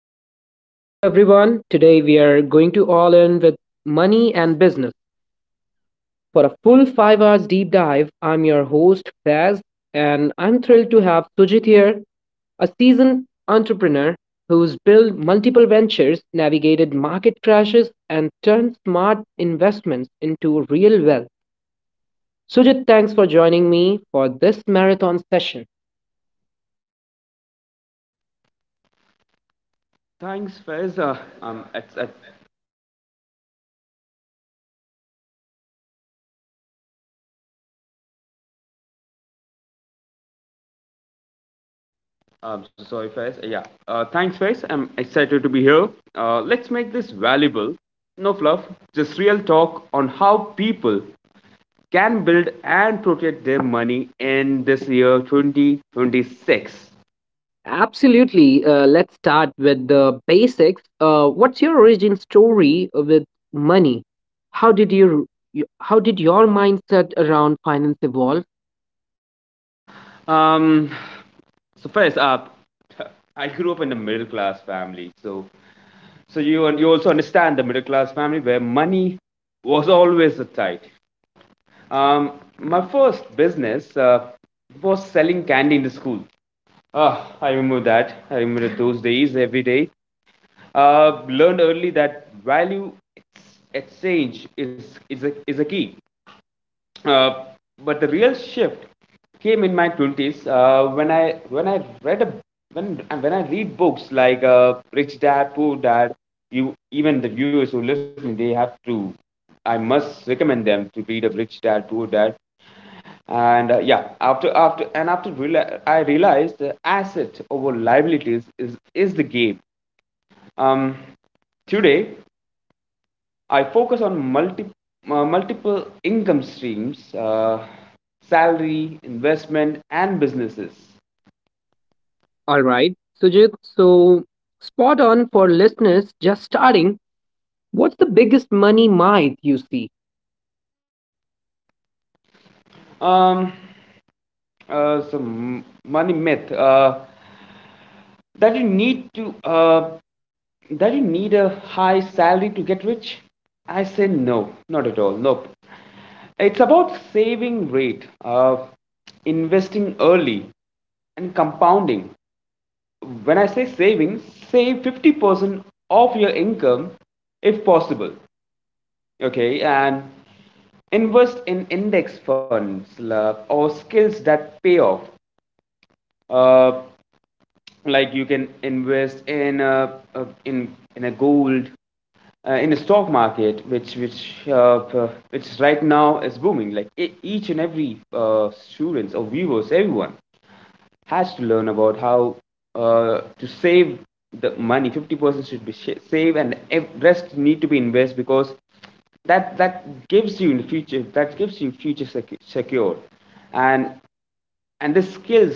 Welcome to the show, everyone. Today we are going to all in with money and business. For a full 5 hours deep dive, I'm your host, Faz, and I'm thrilled to have Sujit here, a seasoned entrepreneur who's built multiple ventures, navigated market crashes, and turned smart investments into real wealth. Sujit, thanks for joining me for this marathon session. Thanks, Faiz. It's, it, so sorry, Faiz. Yeah. Thanks, Faiz. I'm excited to be here. Let's make this valuable. No fluff, just real talk on how people can build and protect their money in this year 2026. Absolutely. Let's start with the basics. What's your origin story with money? How did your how did your mindset around finance evolve? Um, so, Faiz, uh, I grew up in a middle class family. So, you also understand the middle class family where money was always a tight. Um, my first business was selling candy in the school. Ah, I remember that. I remember those days every day. Learned early that value exchange is is a key. Uh, but the real shift came in my twenties when I read a, when I read books like Rich Dad Poor Dad. You, even the viewers who listen, they have to. I must recommend them to read a Rich Dad Poor Dad, and after I realized the asset over liabilities is the game. um Today I focus on multiple income streams: salary, investment, and businesses. All right, Sujit. So spot on for listeners just starting. What's the biggest money myth you see? um some money myth, that you need to that you need a high salary to get rich. I say no, not at all, nope. It's about saving rate, investing early, and compounding. When I say saving, save 50% of your income if possible. Okay, and invest in index funds, or skills that pay off. Uh, like you can invest in a gold, in a stock market which which right now is booming. Like each and every students or viewers, everyone has to learn about how to save the money. 50% should be save, and rest need to be invest, because that gives you in the future. That gives you future secure, and the skills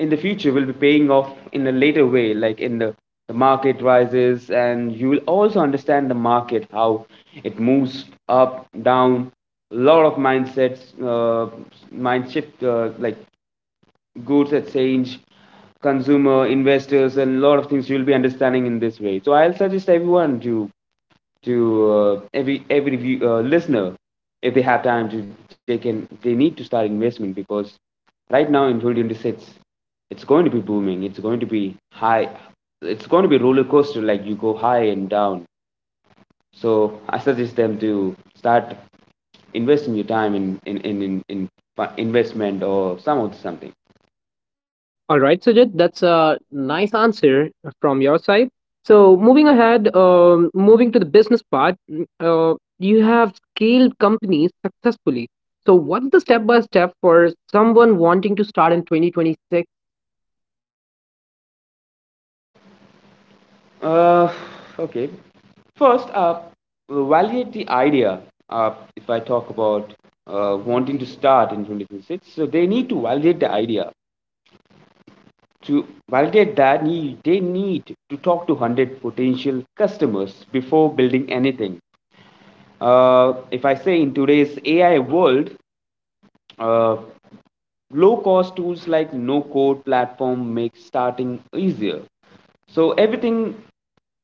in the future will be paying off in a later way. Like in the market rises, and you will also understand the market, how it moves up, down. A lot of mindsets, uh, mind shift, like goods exchange, consumer, investors, and a lot of things you'll be understanding in this way. So I'll suggest everyone to listener, if they have time to they can they need to start investment, because right now in 2026 it's going to be booming, it's going to be high, it's going to be roller coaster. Like you go high and down. So I suggest them to start investing your time in investment or some of something. All right, Sujit, that's a nice answer from your side. So, moving ahead, moving to the business part, you have scaled companies successfully. So, what's the step by step for someone wanting to start in 2026? Uh, okay. First, validate the idea. Uh, if I talk about wanting to start in 2026, so they need to validate the idea. To validate that, they need to talk to 100 potential customers before building anything. If I say in today's AI world, uh, low cost tools like no code platform make starting easier. So everything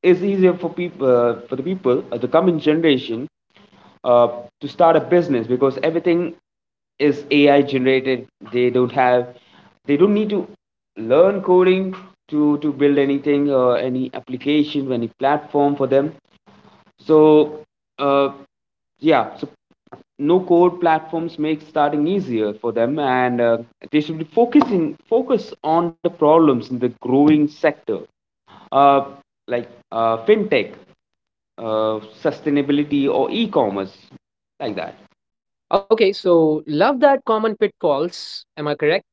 is easier for people, for the people the coming generation uh, to start a business, because everything is AI generated. They don't have they don't need to learn coding to build anything or any application, any platform for them. So, uh, yeah, so no code platforms make starting easier for them, and they should be focus on the problems in the growing sector, uh, like fintech, sustainability, or e-commerce, like that. Okay, so love that common pitfalls. Am I correct?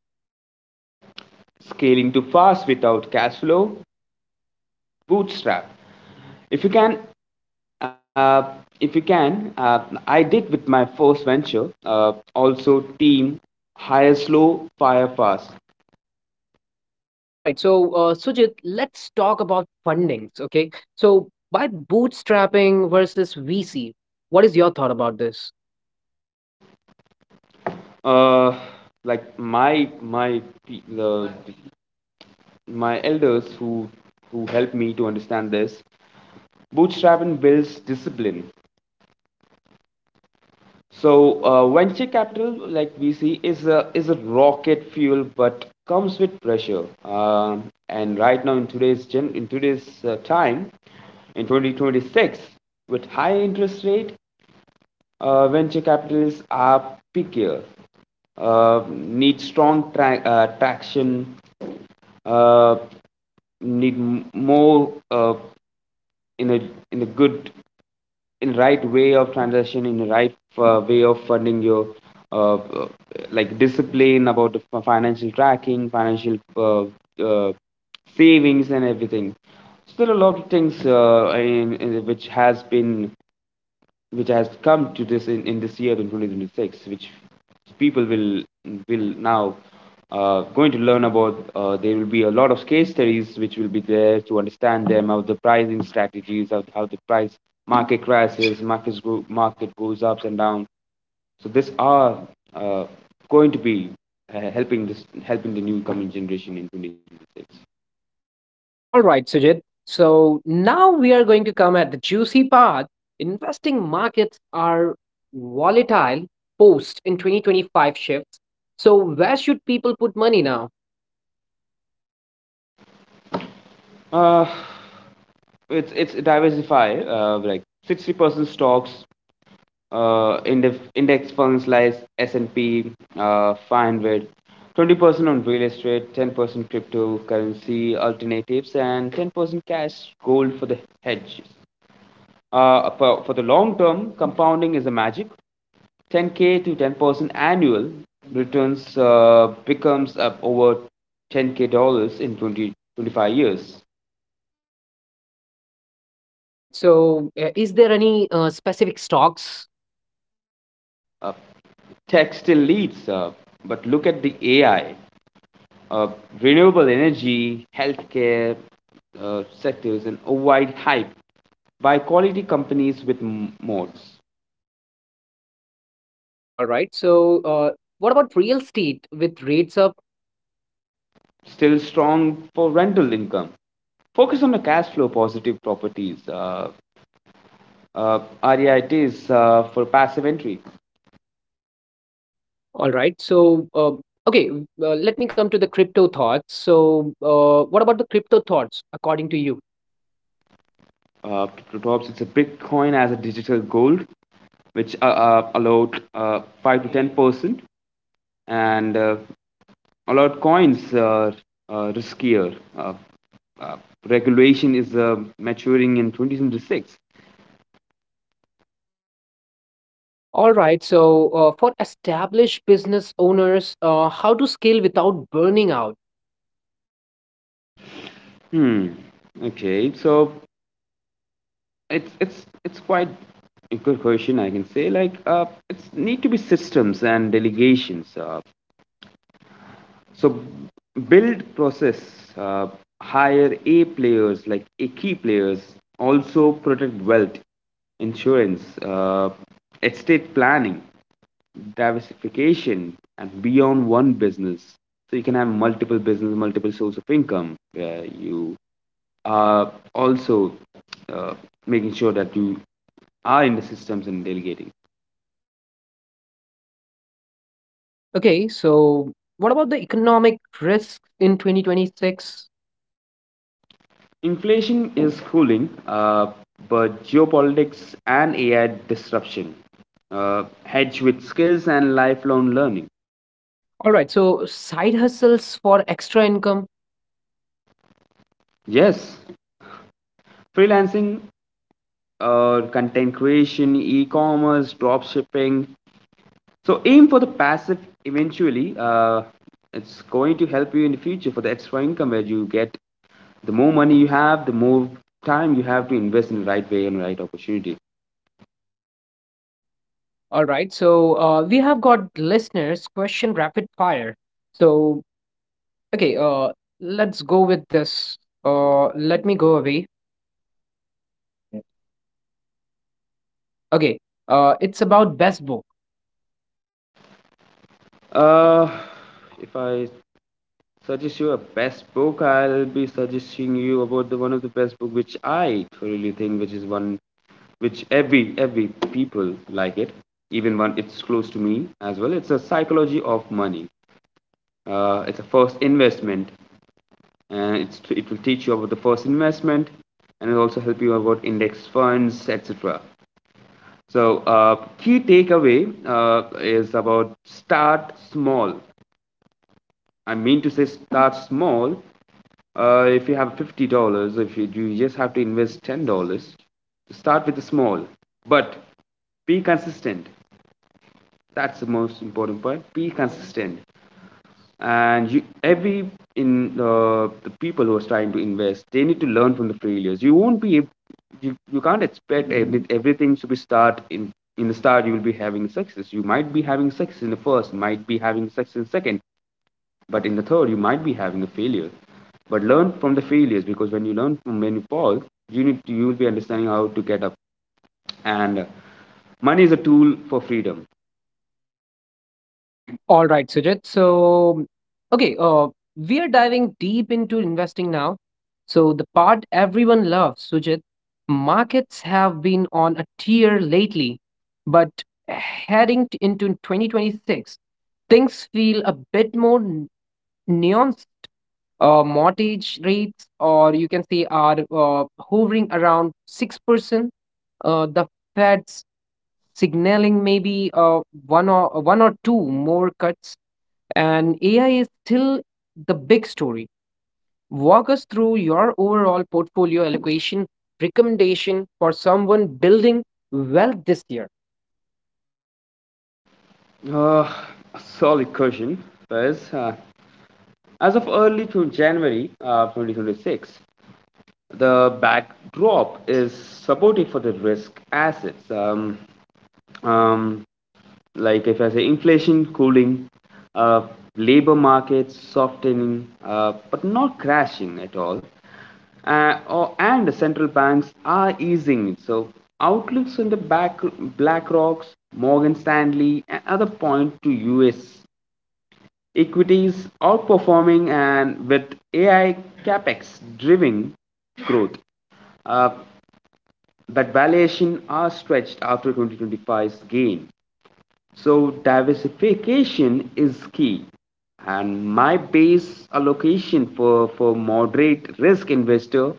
Scaling too fast without cash flow, bootstrap if you can. uh, if you can uh, I did with my first venture. Also team: hire slow, fire fast. All right, so Sujit, let's talk about fundings. Okay, so by bootstrapping versus VC, what is your thought about this? uh, like the, my elders who helped me to understand this, bootstrapping builds discipline. So venture capital, like VC, is a rocket fuel, but comes with pressure. And right now, in today's gen, in today's time, in 2026, with high interest rate, venture capitalists are pickier, need strong traction, uh, need m- more in a in a good in right way of transaction, in right way of funding your uh, uh, like discipline about the financial tracking, financial uh, savings and everything. So there are a lot of things in which has been which has come to this in this year in 2026 which people will now going to learn about. There will be a lot of case studies which will be there to understand them how the pricing strategies, how the price, market crashes, market goes ups and down. So this are uh, going to be helping the new coming generation in 2026. All right, Sujit. So now we are going to come at the juicy part. Investing markets are volatile post in 2025 shifts. So where should people put money now? uh, it's diversify. Like 60% stocks, uh, index funds like S&P 500, 20% on real estate, 10% cryptocurrency alternatives, and 10% cash, gold for the hedge. For the long term, compounding is a magic. 10k to 10% annual returns becomes up over 10k dollars in 20 25 years. All right. So is there any specific stocks? Uh, tech still leads, but look at the AI. uh, Renewable energy, healthcare sectors, and a wide hype by quality companies with moats, All right. So what about real estate with rates up? still strong for rental income. Focus on the cash flow positive properties. Uh, REITs for passive entry. All right. So okay, let me come to the crypto thoughts. So what about the crypto thoughts according to you? Uh, Perhaps it's a Bitcoin as a digital gold, which allowed 5 to 10%, and allowed coins are riskier. Uh, Regulation is maturing in 2026. All right. So, for established business owners, how to scale without burning out? Hmm. Okay. So it's quite a good question. I can say like it's need to be systems and delegations. So build process, uh, hire A players, like a key players. Also protect wealth: insurance, estate planning, diversification, and beyond one business. So you can have multiple business, multiple source of income, where you are also uh, making sure that you are in the systems and delegating. Okay. So, what about the economic risks in 2026? Inflation is cooling, but geopolitics and AI disruption. Hedge with skills and lifelong learning. All right. So, side hustles for extra income. Yes, freelancing, content creation, e commerce, dropshipping. So aim for the passive eventually. It's going to help you in the future for the extra income, where you get the more money you have, the more time you have to invest in the right way and right opportunity. All right. So, we have got listeners' question rapid fire. So, okay. Let's go with this. Let me go away. Okay. It's about best book. Uh, if I suggest you a best book, I'll be suggesting you about the one of the best book which I thoroughly think, which is one which every people like it, even one it's close to me as well. It's a psychology of money. It's a first investment, and it will teach you about the first investment, and it'll also help you about index funds, etc. So key takeaway, is about start small. I mean to say, start small. If you have $50, if you, you just have to invest $10. Start with the small, but be consistent. That's the most important point. Be consistent. And you every in the people who are trying to invest, they need to learn from the failures. You won't be you can't expect everything to be start in the start. You will be having success, you might be having success in the first, might be having success in the second, but in the third, you might be having a failure. But learn from the failures, because when you learn, from when you fall, you will be understanding how to get up. And money is a tool for freedom. All right, Sujit. So, okay, we are diving deep into investing now. So, the part everyone loves, Sujit, markets have been on a tear lately, but heading into 2026, things feel a bit more nuanced. Mortgage rates, or you can say, are hovering around 6%. The Fed's signaling maybe one or two more cuts, and AI is still the big story. Walk us through your overall portfolio allocation recommendation for someone building wealth this year. Uh, solid question, Faiz. As of early to January 2026, the backdrop is supportive for the risk assets. Um, like if I say inflation cooling, uh, labor markets softening, but not crashing at all, and the central banks are easing it. So outlooks in the back BlackRock's, Morgan Stanley, and other point to U.S equities outperforming, and with AI capex driving growth. Uh, but valuations are stretched after 2025's gain. So diversification is key. And my base allocation for moderate risk investor,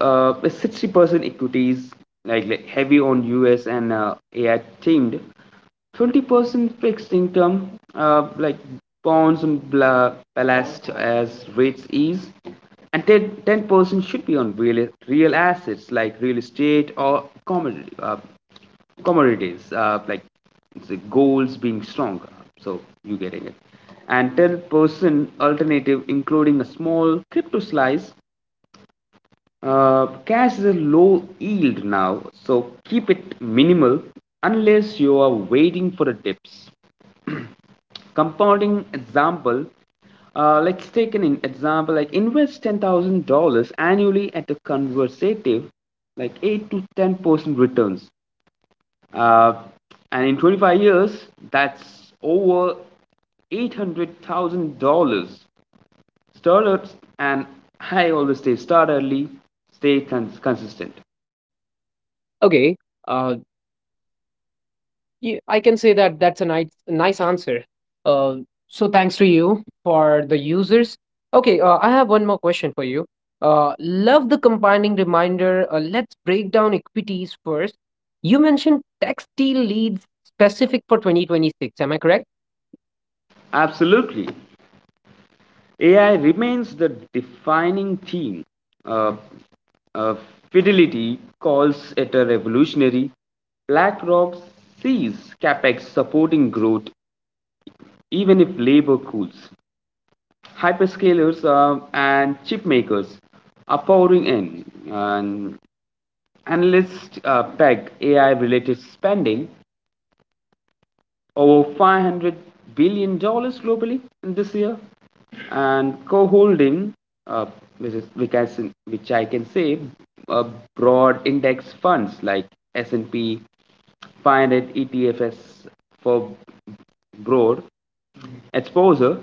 60% equities, like heavy on US and AI themed, 20% fixed income, like bonds and ballast as rates ease, and 10% should be on real assets like real estate or commodities, like the goals being strong. So you getting it. And 10% alternative, including a small crypto slice. Cash is a low yield now, so keep it minimal unless you are waiting for the dips. Compounding example, let's take an example, like invest $10,000 annually at a conservative like 8 to 10% returns. Uh, and in 25 years, that's over $800,000. Startups, and I always say, start early, stay consistent. Okay, uh, yeah, I can say that that's a nice answer. Uh, so thanks to you for the users. Okay, I have one more question for you. Love the combining reminder. Let's break down equities first. You mentioned textile leads specific for 2026. Am I correct? Absolutely. AI remains the defining theme. Uh, uh, Fidelity calls it a revolutionary. BlackRock sees capex supporting growth even if labor cools. Hyperscalers and chipmakers are pouring in. And analysts peg AI related spending over $500 billion dollars globally in this year. And co-holding, uh, which is which I, s- which I can say, uh, broad index funds like S&P 500 ETFs for broad exposure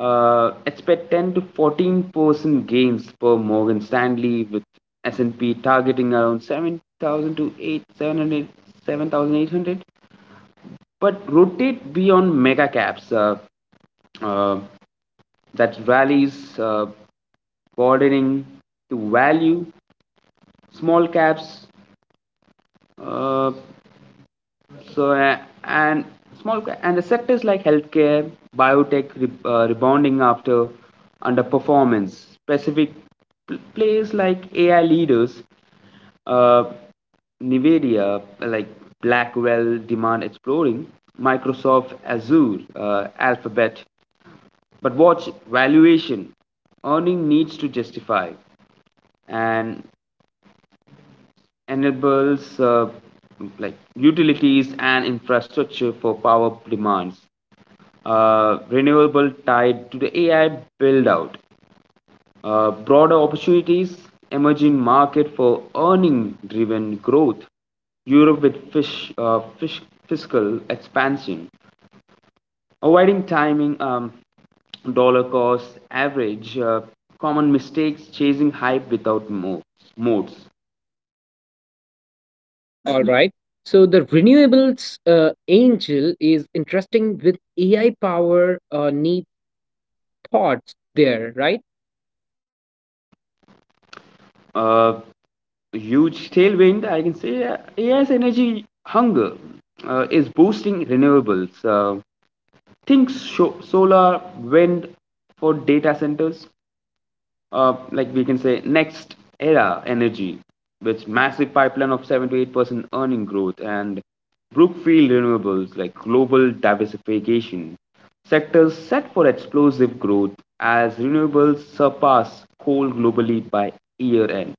expect 10 to 14% gains per Morgan Stanley, with S&P targeting around 7,000 to 8, 1,700, 7,800, but rotate beyond mega caps uh, that rallies bordering to value small caps, uh, so and small and the sectors like healthcare biotech rebounding after underperformance, specific plays like ai leaders, uh, Nvidia, like Blackwell, Demand Exploring, Microsoft Azure, Alphabet. But watch valuation. Earning needs to justify and enables like utilities and infrastructure for power demands. Renewable tied to the AI build out. Broader opportunities, emerging market for earning driven growth. Europe with fiscal expansion. Avoiding timing, dollar cost average, common mistakes, chasing hype without modes. All right. So the renewables angel is interesting with AI power need thoughts there, right? Uh, Huge tailwind, I can say, AI's energy hunger is boosting renewables. Think solar, wind for data centers, like we can say next era energy, which massive pipeline of 7 to 8% earning growth, and brookfield renewables like global diversification, sectors set for explosive growth as renewables surpass coal globally by year end.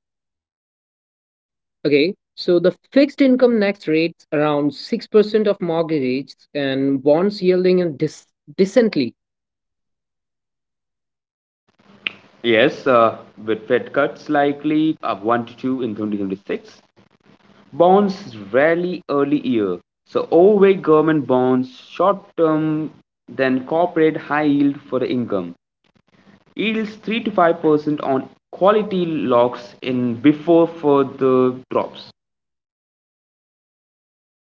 Okay. So the fixed income next rates around 6% of mortgages and bonds yielding and decently. Yes, with fed cuts likely of 1 to 2 in 2026, bonds rarely early year, so overweight government bonds short term, then corporate high yield for the income yields 3 to 5% on quality locks in before further drops.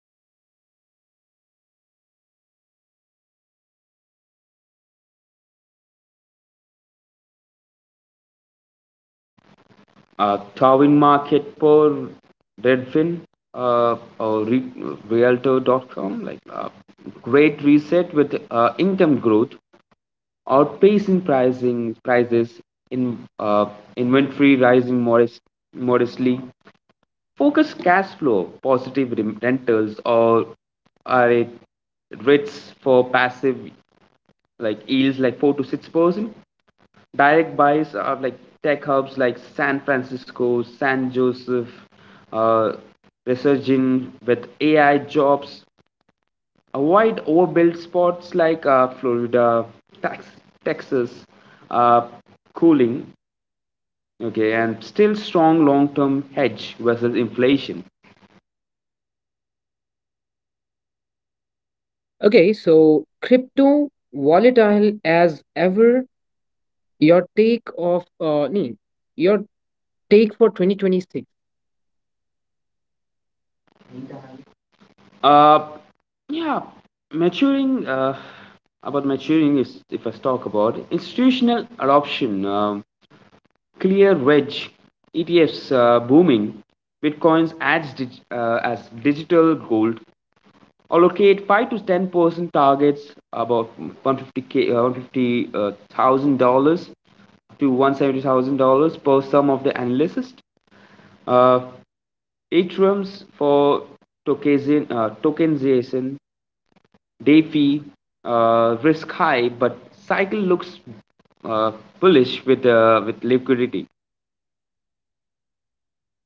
Okay. So the real estate mix signals rates easing but inventory up in some areas. Darwin Market per Redfin or Realtor.com, like great reset with income growth outpacing pricing prices, in inventory rising modestly. Focus cash flow positive rentals or are a rates for passive, like yields like 4 to 6%. Direct buys are like tech hubs like San Francisco, San Joseph, uh, resurging with AI jobs. Avoid overbuilt spots like Florida, Tex- Texas, uh, cooling, okay, and still strong long term hedge versus inflation. Okay. So crypto volatile as ever, your your take for 2026. Uh, yeah, maturing. About maturing, is, if I talk about institutional adoption, ClearEdge ETFs booming, Bitcoins as, as digital gold, allocate 5 to 10% targets about 150k, $150,000, 150, to $170,000 per sum of the analysis. Uh, Atriums for tokenization, DeFi, risk high, but cycle looks uh, bullish with liquidity.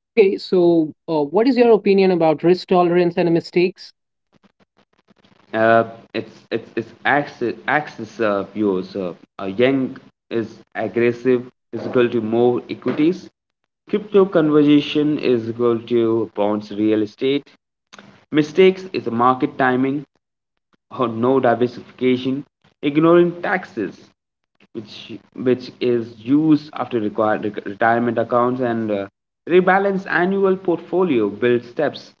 Okay, so what is your opinion about risk tolerance and mistakes? Uh, it's axis views. Yang is aggressive, is equal to more equities. Crypto conversion is equal to bonds real estate. Mistakes is a market timing or no diversification, ignoring taxes, which is used after required retirement accounts, and rebalance annual portfolio build steps.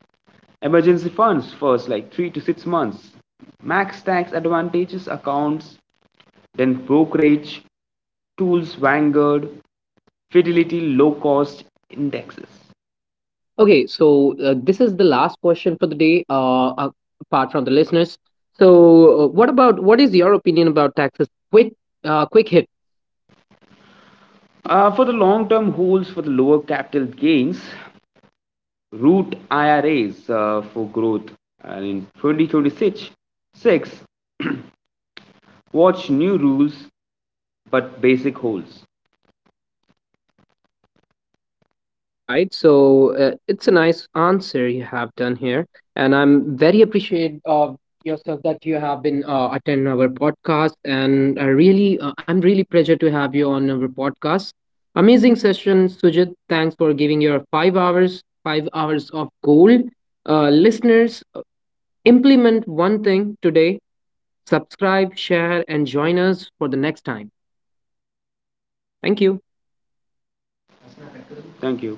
Emergency funds first, like 3 to 6 months. Max tax advantages accounts, then brokerage, tools, Vanguard, Fidelity, low cost indexes. Okay, so this is the last question for the day, apart from the listeners. So, what is your opinion about taxes? Quick hit. For the long term holds for the lower capital gains, root IRAs for growth. And in 2026, six, watch new rules but basic holds. All right, so it's a nice answer you have done here, and I'm very appreciative of yourself that you have been attending our podcast, and I really, I'm really pleasure to have you on our podcast. Amazing session, Sujit. Thanks for giving your 5 hours, 5 hours of gold. Listeners, implement one thing today: subscribe, share, and join us for the next time. Thank you. Thank you.